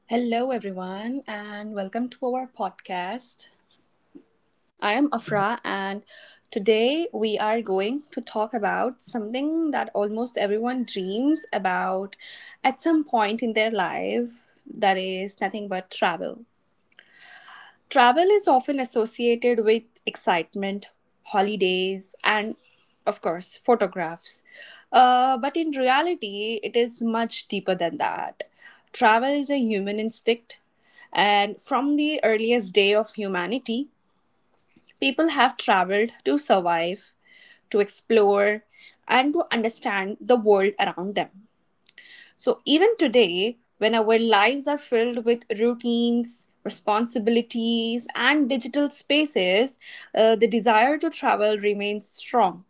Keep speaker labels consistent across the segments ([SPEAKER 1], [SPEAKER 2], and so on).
[SPEAKER 1] Hello, everyone, and welcome to our podcast. I am Afra, and today we are going to talk about something that almost everyone dreams about at some point in their life that is nothing but travel. Travel is often associated with excitement, holidays, and of course, photographs. But in reality, it is much deeper than that. Travel is a human instinct, and from the earliest day of humanity, people have traveled to survive, to explore, and to understand the world around them. So, even today, when our lives are filled with routines, responsibilities, and digital spaces, the desire to travel remains strong.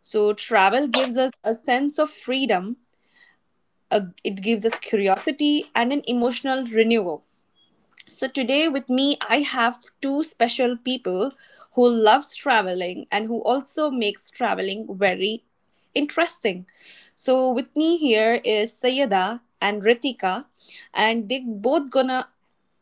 [SPEAKER 1] So, travel gives us a sense of freedom, it gives us curiosity, and an emotional renewal. So today with me I have two special people who loves traveling and who also makes traveling very interesting. So with me here is Sayeda and Ritika and they both gonna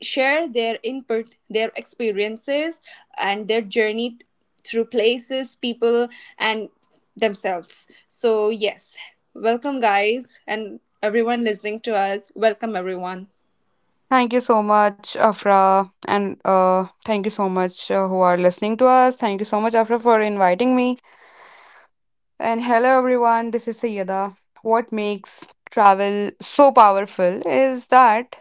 [SPEAKER 1] share their input, their experiences and their journey through places, people and themselves. So yes, welcome guys and everyone listening to us. Welcome everyone.
[SPEAKER 2] Thank you so much, Afra, and thank you so much who are listening to us. Thank you so much, Afra, for inviting me. And hello, everyone. This is Sayyada. What makes travel so powerful is that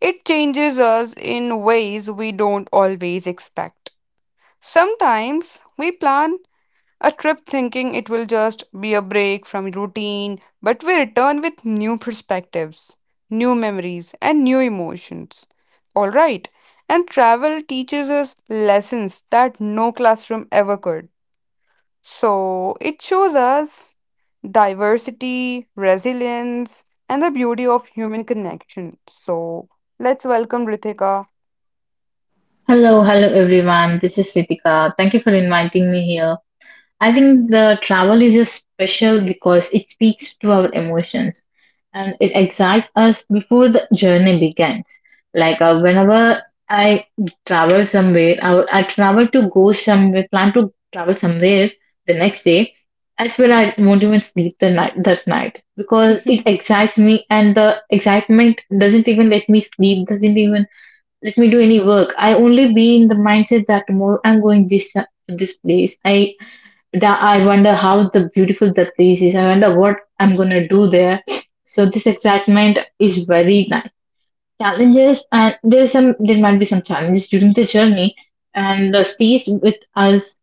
[SPEAKER 2] it changes us in ways we don't always expect. Sometimes we plan a trip thinking it will just be a break from routine, but we return with new perspectives, new memories, and new emotions. Alright, and travel teaches us lessons that no classroom ever could. So it shows us diversity, resilience, and the beauty of human connection. So let's welcome Ritika.
[SPEAKER 3] Hello, hello everyone. This is Ritika. Thank you for inviting me here. I think the travel is a special because it speaks to our emotions, and it excites us before the journey begins. Like, whenever I travel somewhere, I travel to go somewhere, plan to travel somewhere the next day. As well, I won't even sleep the night that night because it excites me, and the excitement doesn't even let me sleep. Doesn't even let me do any work. I only be in the mindset that tomorrow I'm going this to this place. I that I wonder how the beautiful that place is. I wonder what I'm gonna do there. So this excitement is very nice. Challenges and there might be some challenges during the journey and stays with us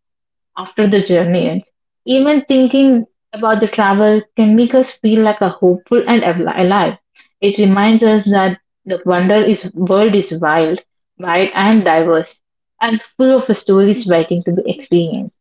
[SPEAKER 3] after the journey ends. Even thinking about the travel can make us feel like a hopeful and alive. It reminds us that the wonder is world is wild, wide and diverse, and full of stories waiting to be experienced.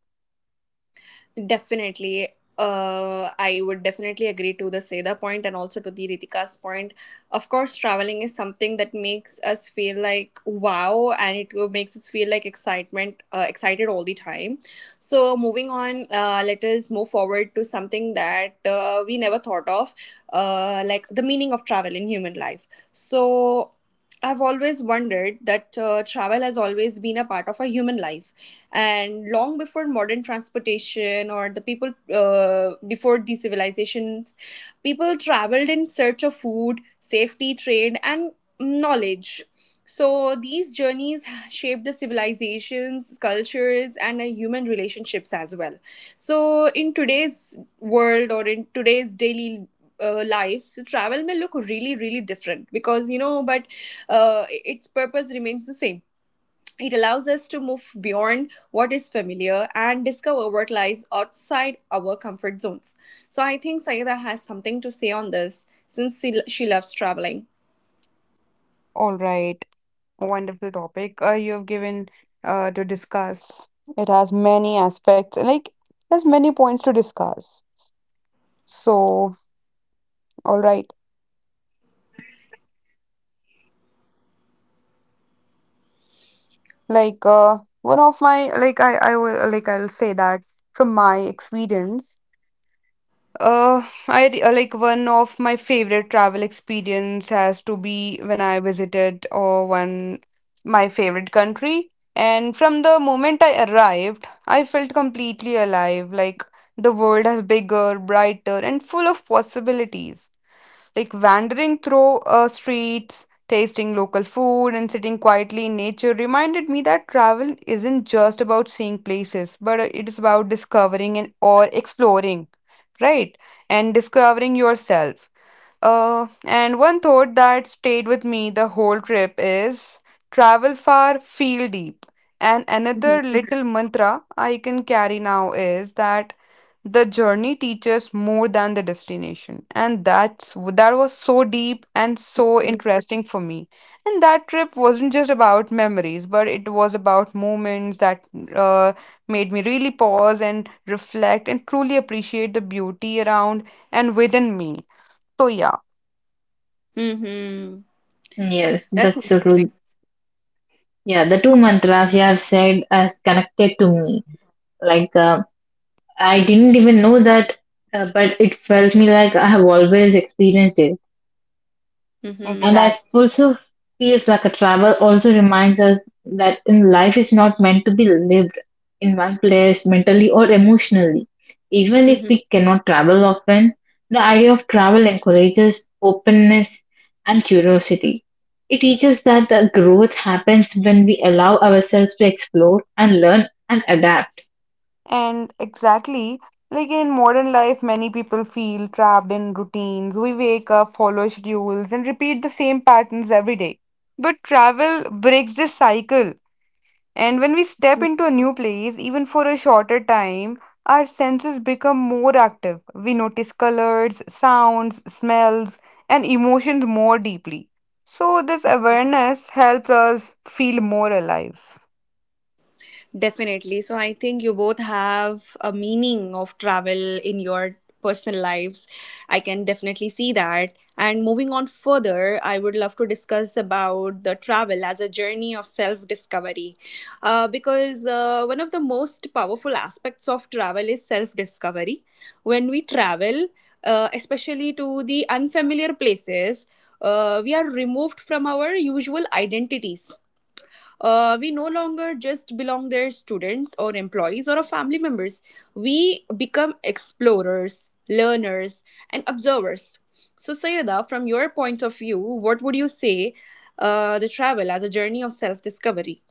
[SPEAKER 1] Definitely. I would definitely agree to the Seda point and also to the Ritika's point. Of course, traveling is something that makes us feel like wow, and it makes us feel like excitement, excited all the time. So, moving on, let us move forward to something that we never thought of, like the meaning of travel in human life. So, I've always wondered that travel has always been a part of a human life and long before modern transportation or the people before these civilizations, people traveled in search of food, safety, trade and knowledge. So these journeys shaped the civilizations, cultures and human relationships as well. So in today's world or in today's daily lives, travel may look really really different because you know, but its purpose remains the same. It allows us to move beyond what is familiar and discover what lies outside our comfort zones. So I think Sayeda has something to say on this since she loves traveling.
[SPEAKER 2] All right, wonderful topic you have given to discuss. It has many aspects, like there's many points to discuss. So, all right, like one of my like I will like I'll say that from my experience, one of my favorite travel experience has to be when I visited or one my favorite country. And from the moment I arrived, I felt completely alive, like the world is bigger, brighter, and full of possibilities, like wandering through streets, tasting local food, and sitting quietly in nature reminded me that travel isn't just about seeing places, but it is about discovering and or exploring, right? And discovering yourself. And one thought that stayed with me the whole trip is travel far, feel deep. And another little mantra I can carry now is that the journey teaches more than the destination. And that was so deep and so
[SPEAKER 1] Mm-hmm.
[SPEAKER 2] interesting for me. And that trip wasn't just about memories, but it was about moments that uh, made me really pause and reflect and truly appreciate the beauty around and within me. So yeah.
[SPEAKER 1] Mm-hmm.
[SPEAKER 3] Yes,
[SPEAKER 1] That's
[SPEAKER 3] that's so
[SPEAKER 1] interesting.
[SPEAKER 3] true. Yeah, the two mantras you have said as connected to me. Like uh, I didn't even know that, but it felt me like I have always experienced it. And
[SPEAKER 1] Mm-hmm.
[SPEAKER 3] I
[SPEAKER 2] Exact.
[SPEAKER 3] also feels like a travel also reminds us that in life is not meant to be lived in one place mentally or emotionally. Even if
[SPEAKER 1] Mm-hmm.
[SPEAKER 3] we cannot travel often, the idea of travel encourages openness and curiosity. It teaches that the growth happens when we allow ourselves to explore and learn and adapt.
[SPEAKER 2] Mm-hmm. And exactly, like in modern life, many people feel trapped in routines. We wake up, follow schedules, and repeat the same patterns every day. But travel breaks this cycle. And when we step into a new place, even for a shorter time, our senses become more active. We notice colors, sounds, smells, and emotions more deeply. So, this awareness helps us feel more alive.
[SPEAKER 1] Definitely. So I think you both have a meaning of travel in your personal lives. I can definitely see that. And moving on further, I would love to discuss about the travel as a journey of self-discovery. Because one of the most powerful aspects of travel is self-discovery. When we travel, especially to the unfamiliar places, we are removed from our usual identities. We no longer just belong their students or employees or our family members. We become explorers, learners, and observers. So, Sayada, from your point of view, what would you say the travel as a journey of self discovery?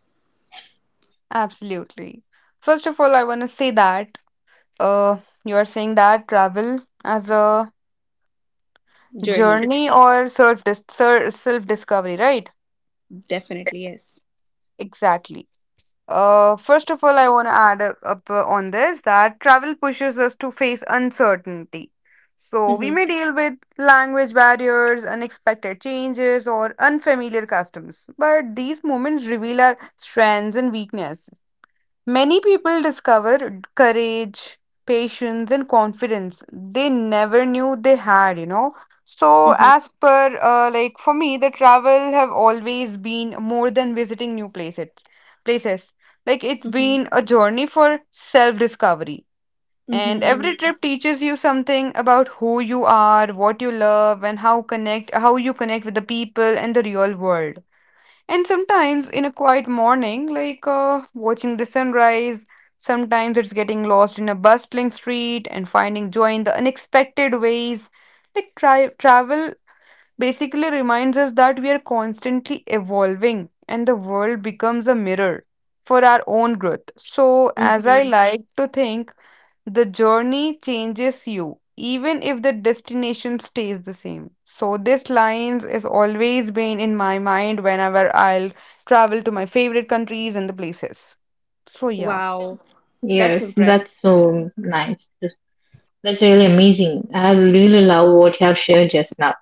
[SPEAKER 2] Absolutely. First of all, I want to say that uh, you are saying that travel as a
[SPEAKER 1] Journey,
[SPEAKER 2] journey or self discovery, right?
[SPEAKER 1] definitely, yes.
[SPEAKER 2] Exactly. First of all, I want to add up on this, that travel pushes us to face uncertainty. So we
[SPEAKER 1] Mm-hmm,
[SPEAKER 2] may deal with language barriers, unexpected changes, or unfamiliar customs, but these moments reveal our strengths and weakness. Many people discover courage, patience, and confidence they never knew they had, you know. So,
[SPEAKER 1] mm-hmm,
[SPEAKER 2] as per, like for me, the travel have always been more than visiting new places. It's
[SPEAKER 1] mm-hmm,
[SPEAKER 2] been a journey for self-discovery, and every
[SPEAKER 1] mm-hmm,
[SPEAKER 2] trip teaches you something about who you are, what you love, and how you connect with the people and the real world. And sometimes in a quiet morning, like watching the sunrise, sometimes it's getting lost in a bustling street and finding joy in the unexpected ways. Travel basically reminds us that we are constantly evolving and the world becomes a mirror for our own growth. So, as I
[SPEAKER 1] mm-hmm.
[SPEAKER 2] like to think, the journey changes you, even if the destination stays the same. So this lines is always been in my mind whenever I'll travel to my favorite countries and the places. So yeah.
[SPEAKER 1] Wow, that's
[SPEAKER 3] Yes,
[SPEAKER 1] impressive.
[SPEAKER 3] that's so nice. That's really amazing. I really love what you have shared just now.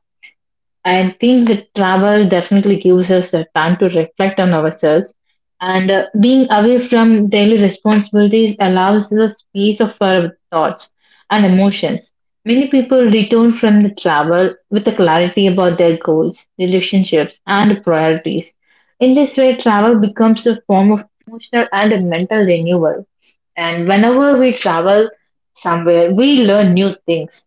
[SPEAKER 3] I think that travel definitely gives us the time to reflect on ourselves. And being away from daily responsibilities allows the space of our thoughts and emotions. Many people return from the travel with a clarity about their goals, relationships, and priorities. In this way, travel becomes a form of emotional and a mental renewal. And whenever we travel somewhere, we learn new things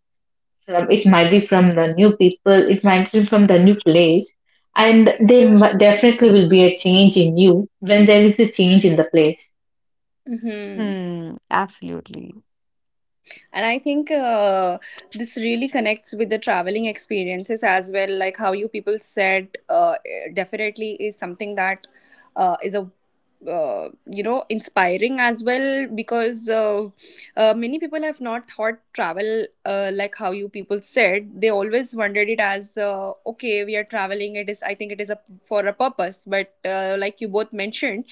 [SPEAKER 3] from it, might be from the new people, it might be from the new place, and there definitely will be a change in you when there is a change in the place.
[SPEAKER 1] Mm-hmm.
[SPEAKER 2] Hmm, absolutely.
[SPEAKER 1] And I think this really connects with the traveling experiences as well, like how you people said, definitely is something that is a you know, inspiring as well, because many people have not thought travel, like how you people said, they always wondered it as, okay, we are traveling, it is, I think it is a for a purpose, but like you both mentioned,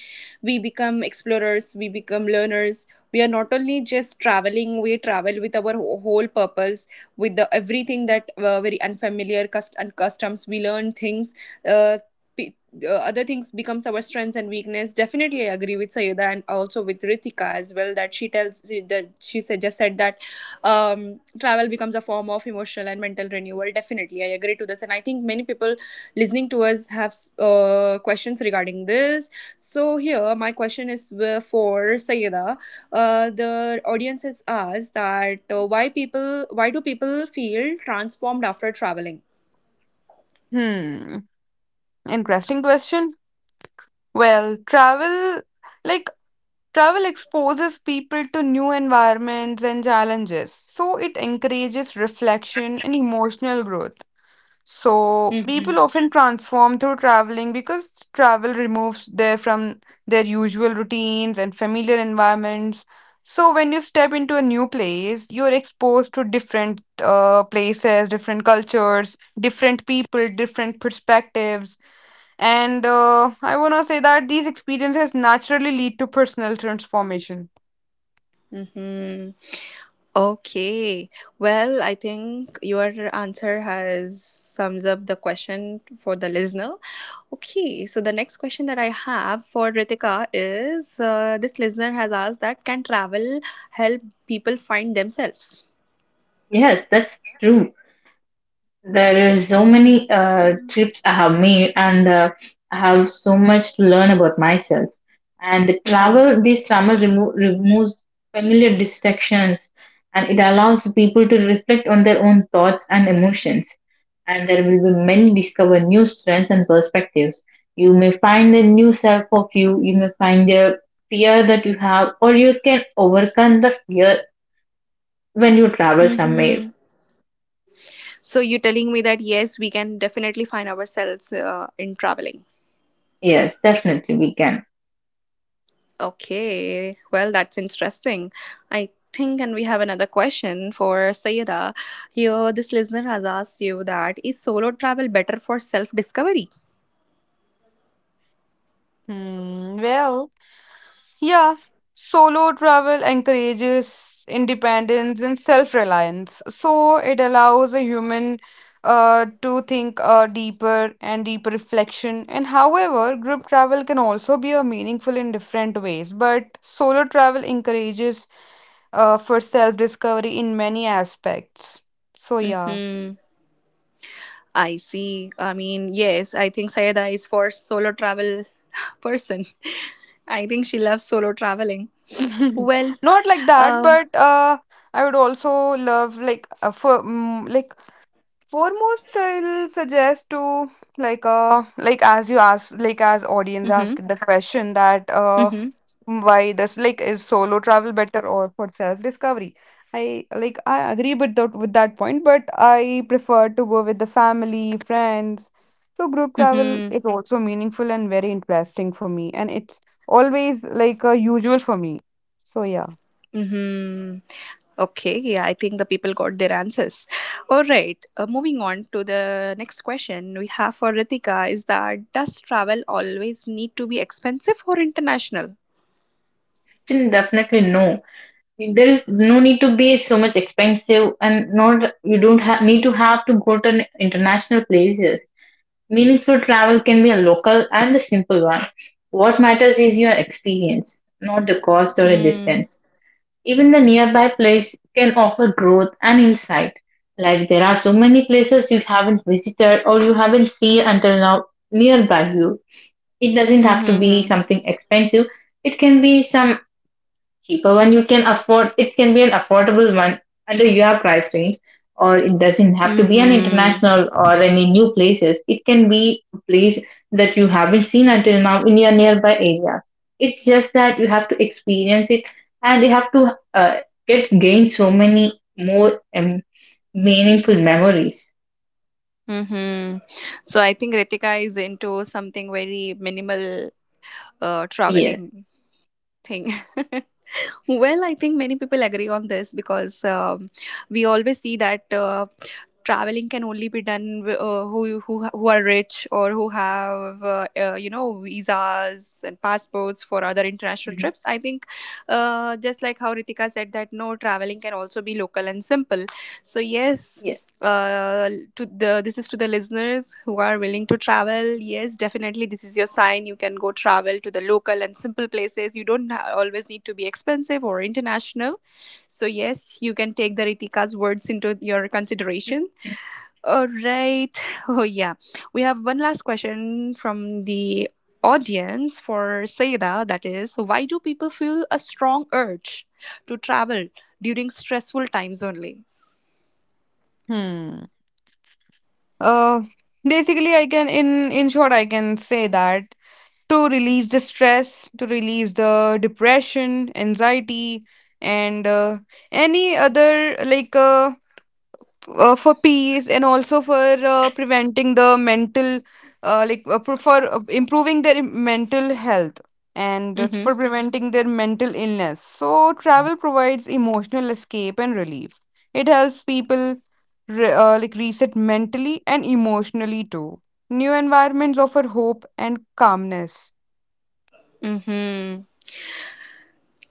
[SPEAKER 1] we become explorers, we become learners, we are not only just traveling, we travel with our whole purpose with the everything that very unfamiliar and customs we learn things, uh, pe- other things becomes our strengths and weakness. Definitely I agree with Sayeda and also with Ritika as well that she tells she- that she said just said that um, travel becomes a form of emotional and mental renewal. Definitely I agree to this and I think many people listening to us have questions regarding this. So here my question is for Sayeda. The audience has asked that why do people feel transformed after traveling?
[SPEAKER 2] Hmm, interesting question. Well, like travel exposes people to new environments and challenges. So it encourages reflection and emotional growth. So people often transform through traveling because travel removes them from their usual routines and familiar environments. So when you step into a new place, you're exposed to different places, different cultures, different people, different perspectives. And I want to say that these experiences naturally lead to personal transformation.
[SPEAKER 1] Mm-hmm. Okay. Well, I think your answer has sums up the question for the listener. Okay. So the next question that I have for Ritika is, this listener has asked that can travel help people find themselves?
[SPEAKER 3] Yes, that's true. There is so
[SPEAKER 1] Mm-hmm.
[SPEAKER 3] many trips I have made, and I have so much to learn about myself. And the
[SPEAKER 1] Mm-hmm.
[SPEAKER 3] travel, this travel removes familiar distractions, and it allows people to reflect on their own thoughts and emotions. And there will be many discover new strengths and perspectives. You may find a new self of you. You may find a fear that you have, or you can overcome the fear when you travel somewhere.
[SPEAKER 1] Mm-hmm. So you're telling me that yes, we can definitely find ourselves in traveling.
[SPEAKER 3] Yes, definitely we can.
[SPEAKER 1] Okay, well, that's interesting. I think, and we have another question for Sayeda. Here, this listener has asked you that is solo travel better for self discovery?
[SPEAKER 2] Hmm, well. Yeah, solo travel encourages independence and self-reliance. So it allows a human to think deeper and deep reflection. And however, group travel can also be a meaningful in different ways. But solo travel encourages for self-discovery in many aspects. So yeah.
[SPEAKER 1] Mm-hmm. I see. I mean, yes, I think Sayeda is for solo travel person. I think she loves solo traveling. Well,
[SPEAKER 2] Not like that,
[SPEAKER 1] um,
[SPEAKER 2] but I would also love like Foremost, I'll suggest to, as you ask, like as audience
[SPEAKER 1] mm-hmm,
[SPEAKER 2] ask the question that
[SPEAKER 1] mm-hmm,
[SPEAKER 2] why this like is solo travel better or for self-discovery? I agree with that point, but I prefer to go with the family, friends. So group travel
[SPEAKER 1] mm-hmm,
[SPEAKER 2] is also meaningful and very interesting for me, and it's always like usual for me. So yeah.
[SPEAKER 1] mm-hmm. Okay, yeah, I think the people got their answers. All right, moving on to the next question we have for Ritika is that does travel always need to be expensive or international?
[SPEAKER 3] Definitely no, there is no need to be so much expensive and not you don't ha- need to have to go to an international places. Meaningful travel can be a local and a simple one. What matters is your experience, not the cost or the
[SPEAKER 1] Mm.
[SPEAKER 3] distance. Even the nearby place can offer growth and insight. Like there are so many places you haven't visited or you haven't seen until now nearby you. It doesn't have to be
[SPEAKER 1] Mm-hmm.
[SPEAKER 3] something expensive. It can be some cheaper one you can afford. It can be an affordable one under your price range. Or it doesn't have to be an
[SPEAKER 1] Mm-hmm.
[SPEAKER 3] international or any new places. It can be a place that you haven't seen until now in your nearby areas. It's just that you have to experience it, and you have to uh, get gain so many more um, meaningful memories.
[SPEAKER 1] Mm-hmm. So I think Ritika is into something very minimal
[SPEAKER 3] Yeah,
[SPEAKER 1] traveling thing. Well, I think many people agree on this because we always see that traveling can only be done who are rich or who have you know, visas and passports for other international
[SPEAKER 3] mhm.
[SPEAKER 1] trips. I think just like how Ritika said that no, traveling can also be local and simple. So yes,
[SPEAKER 3] Yes.
[SPEAKER 1] uh, to the, this is to the listeners who are willing to travel, yes, definitely this is your sign. You can go travel to the local and simple places. You don't ha- always need to be expensive or international. So yes, you can take the Ritika's words into your consideration. All right. Oh yeah, we have one last question from the audience for Saida, that is, why do people feel a strong urge to travel during stressful times only?
[SPEAKER 2] Hmm. Uh, basically, I can in short, I can say that, to release the stress, to release the depression, anxiety, and any other for peace and also for preventing the mental for improving their mental health and
[SPEAKER 1] Mm-hmm.
[SPEAKER 2] for preventing their mental illness. So travel provides emotional escape and relief. It helps people reset mentally and emotionally too. New environments offer hope and calmness.
[SPEAKER 1] Mm-hmm.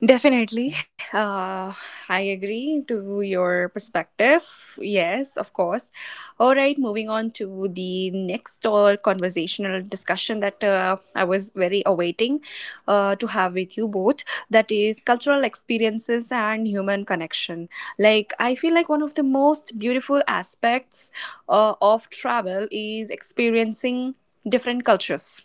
[SPEAKER 1] Definitely. I agree to your perspective. Yes, of course. All right, moving on to the next conversational discussion that I was very awaiting to have with you both. That is cultural experiences and human connection. Like, I feel like one of the most beautiful aspects of travel is experiencing different cultures.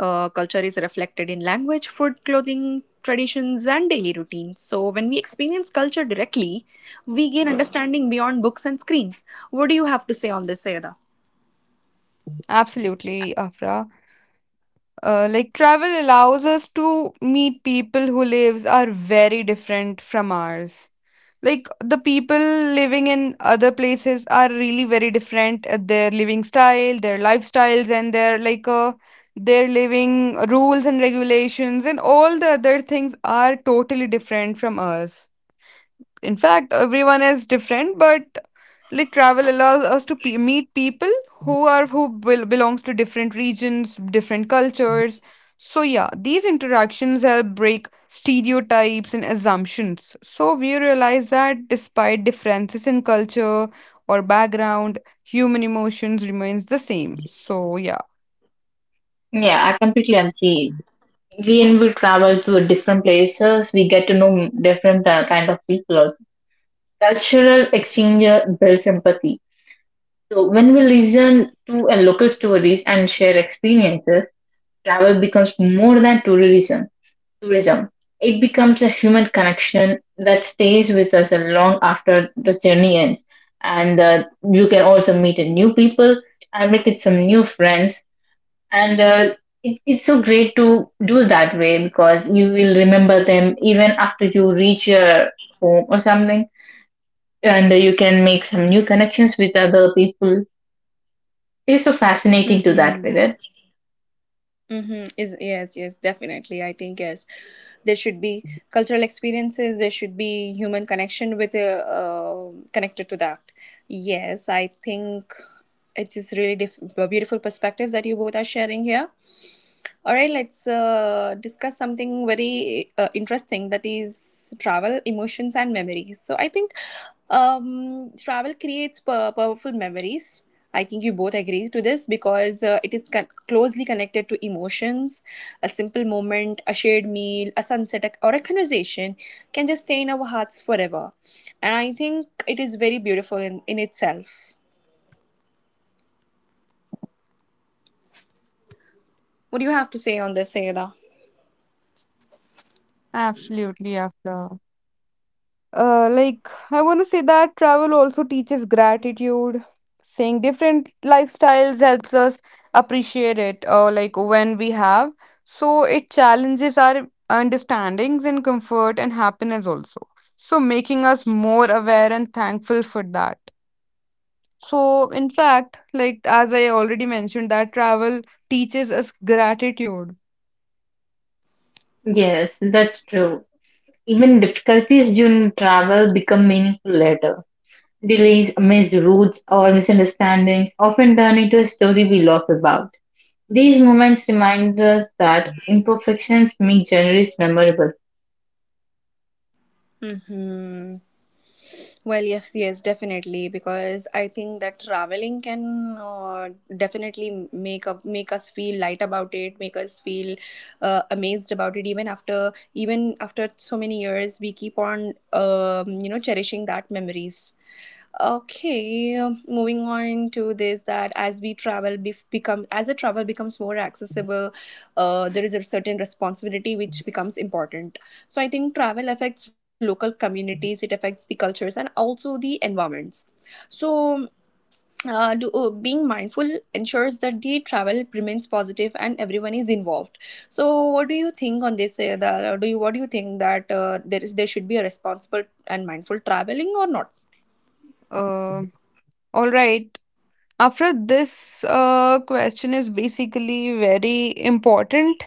[SPEAKER 1] Culture is reflected in language, food, clothing, traditions, and daily routines. So, when we experience culture directly, we gain understanding beyond books and screens. What do you have to say on this, Sayada?
[SPEAKER 2] Absolutely, Afra. Like travel allows us to meet people who lives are very different from ours. Like the people living in other places are really very different. At their living style, their lifestyles, and their like their living rules and regulations, and all the other things are totally different from us. In fact, everyone is different, but like travel allows us to pe meet people who belongs to different regions, different cultures. So yeah, these interactions help break stereotypes and assumptions, so we realize that despite differences in culture or background, human emotions remains the same. So yeah,
[SPEAKER 3] Yeah, I completely agree. When we travel to different places, we get to know different kind of people also. Cultural exchange builds empathy. So when we listen to a local stories and share experiences, travel becomes more than tourism. Tourism. It becomes a human connection that stays with us long after the journey ends. And you can also meet a new people and make it some new friends. And it's so great to do that way because you will remember them even after you reach your home or something, and you can make some new connections with other people. It's so fascinating to that
[SPEAKER 1] Hmm.
[SPEAKER 3] period.
[SPEAKER 1] Mm-hmm. Is yes, yes, definitely. I think yes, there should be cultural experiences. There should be human connection with connected to that. Yes, I think it is really beautiful perspectives that you both are sharing here. All right, let's discuss something very interesting, that is travel, emotions, and memories. So I think travel creates powerful memories. I think you both agree to this because it is closely connected to emotions. A simple moment, a shared meal, a sunset, or a conversation can just stay in our hearts forever. And I think it is very beautiful in itself. What do you have to say on this, Sayeda?
[SPEAKER 2] absolutely. After like I want to say that travel also teaches gratitude. Seeing different lifestyles helps us appreciate it, or like when we have. So it challenges our understandings in comfort and happiness also. So making us more aware and thankful for that. So in fact, like as I already mentioned, that travel teaches us gratitude.
[SPEAKER 3] Yes, that's true. Even difficulties during travel become meaningful later. Delays, missed routes, or misunderstandings often turn into a story we laugh about. These moments remind us that imperfections make journeys memorable.
[SPEAKER 1] Mm-hmm. Well, yes, yes, definitely, because I think that traveling can, definitely make us feel light about it, make us feel amazed about it. Even after so many years, we keep on you know, cherishing that memories. Okay, moving on to this, that as we travel becomes more accessible, there is a certain responsibility which becomes important. So I think travel affects local communities, it affects the cultures and also the environments. So being mindful ensures that the travel remains positive and everyone is involved. So what do you think on this? The, do you what do you think that there should be a responsible and mindful traveling or not?
[SPEAKER 2] Uh, all right. After, this question is basically very important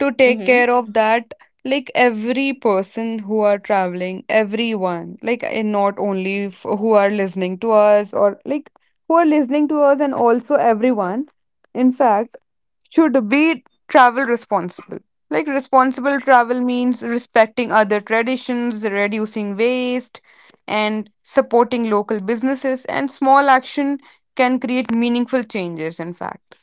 [SPEAKER 2] to take
[SPEAKER 1] Mm-hmm.
[SPEAKER 2] care of that. Like every person who are traveling, everyone, and not only f who are listening to us, or like who are listening to us, and also everyone. In fact should be travel responsible. Like responsible travel means respecting other traditions, reducing waste, and supporting local businesses. And small action can create meaningful changes, in fact.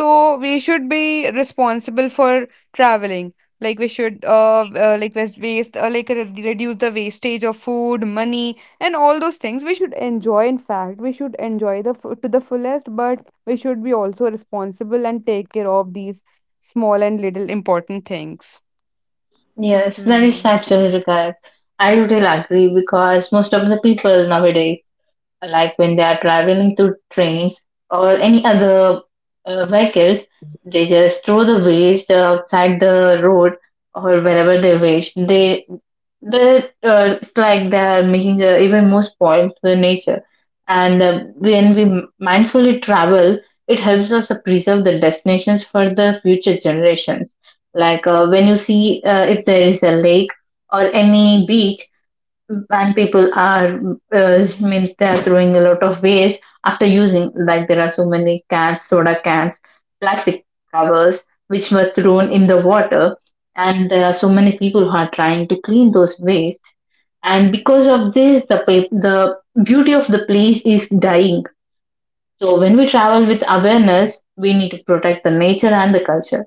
[SPEAKER 2] So we should be responsible for traveling. Like we should waste, reduce the wastage of food, money, and all those things. We should enjoy. In fact, we should enjoy the f to the fullest, but we should be also responsible and take care of these small and little important things.
[SPEAKER 1] 嗯
[SPEAKER 3] Yes, that is
[SPEAKER 1] 哼。
[SPEAKER 3] absolutely correct. I totally agree because most of the people nowadays, like when they are traveling through trains or any other vehicles, they just throw the waste outside the road or wherever they waste. They It's like they are making even more spoil to the nature. And when we mindfully travel, it helps us to preserve the destinations for the future generations. When you see if there is a lake or any beach and people are means they are throwing a lot of waste after using, like there are so many cans, soda cans, plastic covers which were thrown in the water, and there are so many people who are trying to clean those waste, and because of this the the beauty of the place is dying. So when we travel with awareness, we need to protect the nature and the culture.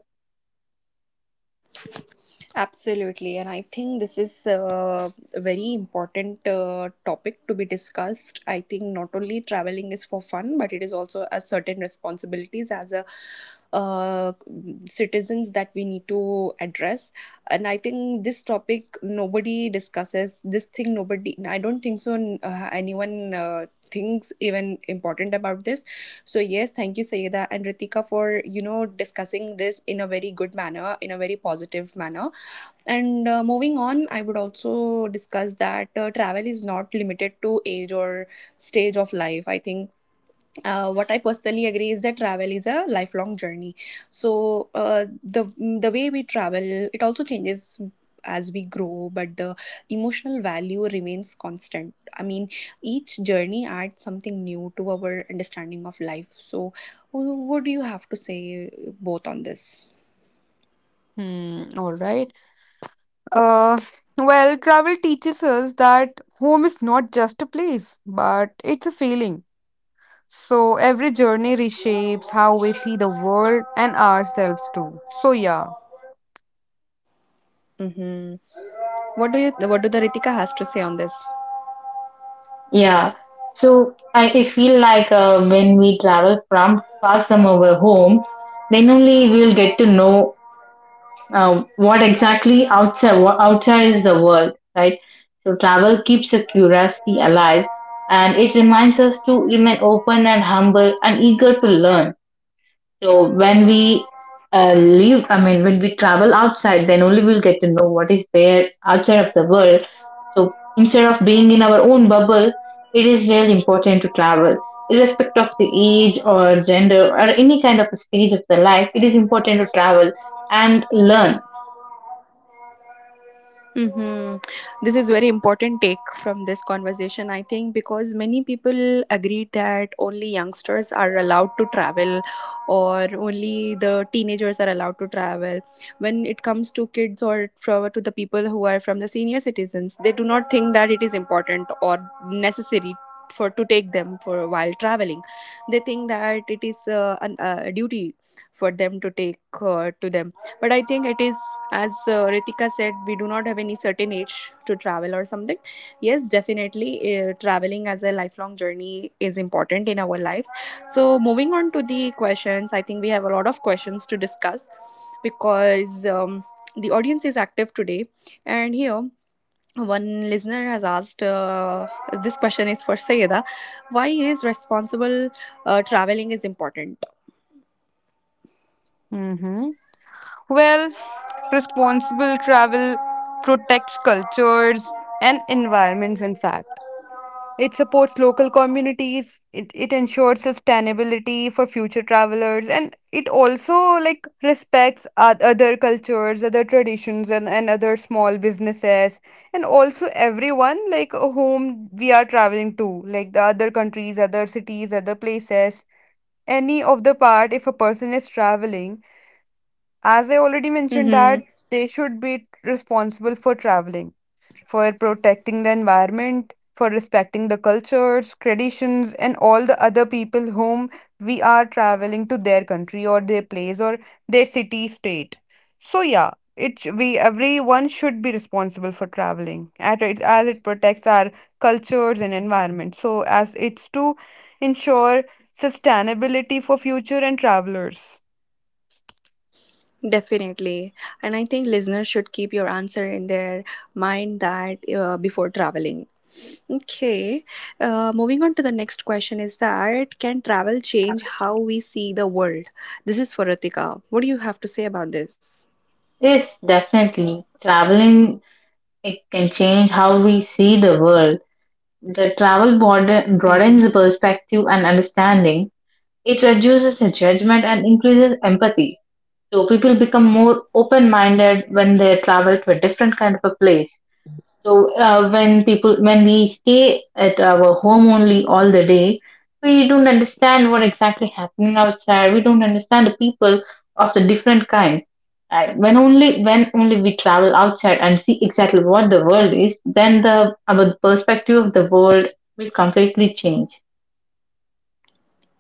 [SPEAKER 1] Absolutely, and I think this is a very important topic to be discussed. I think not only traveling is for fun, but it is also a certain responsibilities as a uh, citizens that we need to address. And I think this topic nobody discusses. This thing nobody. I don't think so. Anyone. Thinks even important about this. So yes, thank you Sayeda and Ritika for you know, discussing this in a very good manner, in a very positive manner. And moving on, I would also discuss that travel is not limited to age or stage of life. I think what I personally agree is that travel is a lifelong journey. So the way we travel, it also changes as we grow, but the emotional value remains constant. I mean, each journey adds something new to our understanding of life. So, what do you have to say both on this?
[SPEAKER 2] Hmm, all right. Uh, well, travel teaches us that home is not just a place, but it's a feeling. So every journey reshapes how we see the world and ourselves too. So yeah.
[SPEAKER 1] Mm-hmm. What do you? What do the Ritika has to say on this?
[SPEAKER 3] Yeah. So I feel like when we travel from far from our home, then only we'll get to know what outside is the world, right? So travel keeps the curiosity alive, and it reminds us to remain open and humble and eager to learn. So when we I mean, when we travel outside, then only we'll get to know what is there outside of the world. So instead of being in our own bubble, it is really important to travel. Irrespective of the age or gender or any kind of stage of the life, it is important to travel and learn.
[SPEAKER 1] Mm-hmm. This is very important take from this conversation, I think, because many people agreed that only youngsters are allowed to travel, or only the teenagers are allowed to travel. When it comes to kids or to the people who are from the senior citizens, they do not think that it is important or necessary for to take them for while traveling. They think that it is a duty for them to take to them, but I think it is, as Ritika said, we do not have any certain age to travel or something. Yes, definitely, traveling as a lifelong journey is important in our life. So moving on to the questions, I think we have a lot of questions to discuss because the audience is active today. And here one listener has asked this question is for Sayeda. Why is responsible traveling is important?
[SPEAKER 2] Hmm. Well, responsible travel protects cultures and environments, in fact. It supports local communities, it ensures sustainability for future travelers, and it also like respects other cultures, other traditions, and other small businesses, and also everyone like whom we are traveling to, like the other countries, other cities, other places. Any of the part, if a person is traveling, as I already mentioned, that they should be responsible for traveling, for protecting the environment, for respecting the cultures, traditions, and all the other people whom we are traveling to, their country or their place or their city state. So yeah, it we everyone should be responsible for traveling, at it as it protects our cultures and environment. So as it's to ensure sustainability for future and travelers.
[SPEAKER 1] Definitely. And I think listeners should keep your answer in their mind that before traveling. Okay. Moving on to the next question is that can travel change how we see the world? This is for Ritika. What do you have to say about this?
[SPEAKER 3] Yes, definitely. Traveling, it can change how we see the world. The travel
[SPEAKER 1] Mm-hmm.
[SPEAKER 3] broadens the perspective and understanding. It reduces the judgment and increases empathy. So people become more open-minded when they travel to a different kind of a place. So when people when we stay at our home only all the day, we don't understand what exactly happening outside. We don't understand the people of the different kind. And when only we travel outside and see exactly what the world is, then the our perspective of the world will completely change.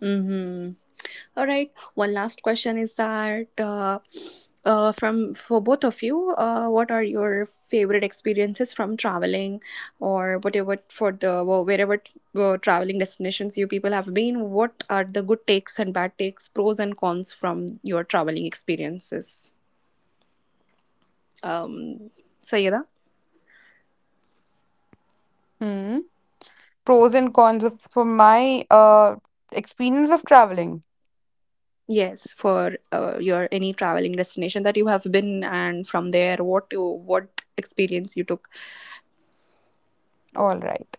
[SPEAKER 1] Mm-hmm. All right. One last question is that from for both of you, what are your favorite experiences from traveling, or whatever for the traveling destinations you people have been? What are the good takes and bad takes, pros and cons from your traveling experiences? Um, Sayeda.
[SPEAKER 2] Hmm. Pros and cons of for my experience of traveling.
[SPEAKER 1] Yes, for your any traveling destination that you have been, and from there, what experience you took.
[SPEAKER 2] All right.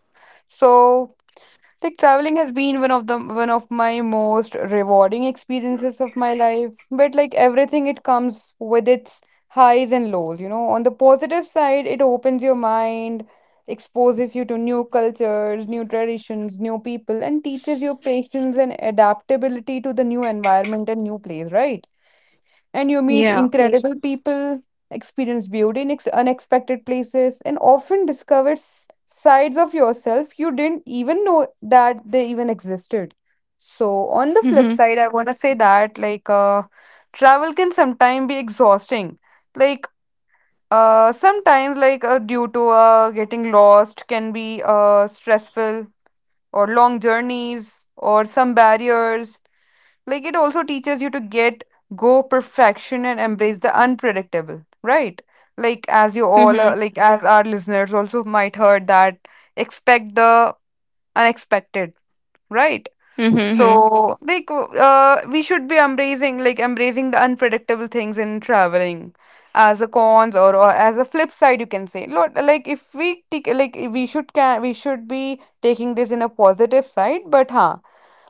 [SPEAKER 2] So, like traveling has been one of my most rewarding experiences of my life. But like everything, it comes with its highs and lows, you know. On the positive side, it opens your mind, exposes you to new cultures, new traditions, new people, and teaches you patience and adaptability to the new environment and new place, right? And you meet
[SPEAKER 1] Yeah.
[SPEAKER 2] incredible people, experience beauty in unexpected places, and often discover sides of yourself you didn't even know that they even existed. So, on the flip
[SPEAKER 1] Mm-hmm.
[SPEAKER 2] side, I want to say that like travel can sometimes be exhausting. Like sometimes, like due to getting lost, can be stressful, or long journeys or some barriers. Like it also teaches you to get go perfection and embrace the unpredictable, right? Like as you all
[SPEAKER 1] Mm-hmm.
[SPEAKER 2] as our listeners also might heard that expect the unexpected, right?
[SPEAKER 1] Mm-hmm.
[SPEAKER 2] So like we should be embracing the unpredictable things in traveling as a cons, or as a flip side you can say. Lot like if we take like we should can We should be taking this in a positive side, but huh,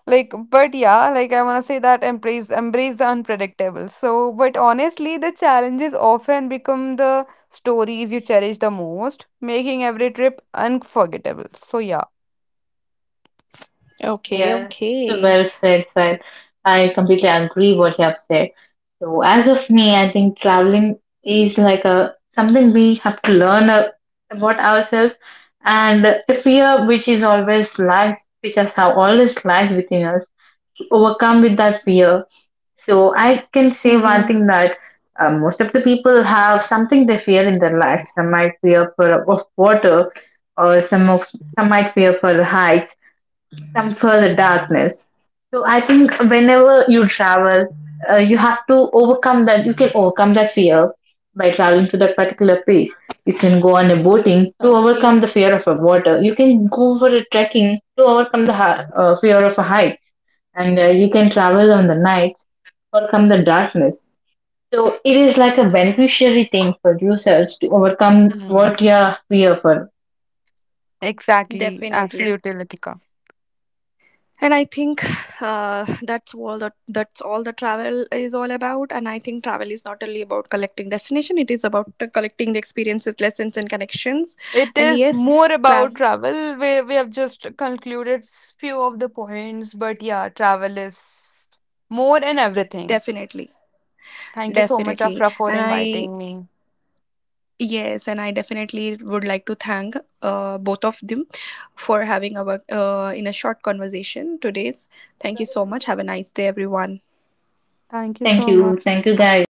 [SPEAKER 2] like but yeah, like I want to say that embrace the unpredictable. So, but honestly the challenges often become the stories you cherish the most, making every trip unforgettable. So yeah.
[SPEAKER 1] Okay,
[SPEAKER 3] Yes, so
[SPEAKER 1] okay,
[SPEAKER 3] well said, sir. I completely agree what you have said. So as of me, I think traveling is like a something we have to learn about ourselves, and the fear which is always lies, which has how always lies within us, overcome with that fear. So I can say one
[SPEAKER 1] mm-hmm,
[SPEAKER 3] thing that most of the people have something they fear in their life. Some might fear for of water, or some might fear for heights, some further darkness. So I think whenever you travel, you have to overcome that. You can overcome that fear by traveling to that particular place. You can go on a boating to
[SPEAKER 1] okay.
[SPEAKER 3] overcome the fear of a water. You can go for a trekking to overcome the fear of a height, and you can travel on the night overcome the darkness. So it is like a beneficiary thing for yourselves to overcome what
[SPEAKER 2] Mm,
[SPEAKER 3] you are fear for.
[SPEAKER 2] exactly.
[SPEAKER 1] Definitely.
[SPEAKER 2] Absolutely, Latika.
[SPEAKER 1] And I think that's all the travel is all about. And I think travel is not only about collecting destination; it is about collecting the experiences, lessons, and connections.
[SPEAKER 2] It
[SPEAKER 1] And
[SPEAKER 2] is
[SPEAKER 1] yes,
[SPEAKER 2] more about
[SPEAKER 1] travel
[SPEAKER 2] travel. We have just concluded few of the points, but yeah, travel is more in everything.
[SPEAKER 1] definitely,
[SPEAKER 2] Thank you so much,
[SPEAKER 1] definitely.
[SPEAKER 2] Afra, for
[SPEAKER 1] And I
[SPEAKER 2] inviting me.
[SPEAKER 1] yes, and I definitely would like to thank both of them for having our in a short conversation today's. Thank you so much. Have a nice day, everyone.
[SPEAKER 2] Thank you so much.
[SPEAKER 3] Thank you, guys.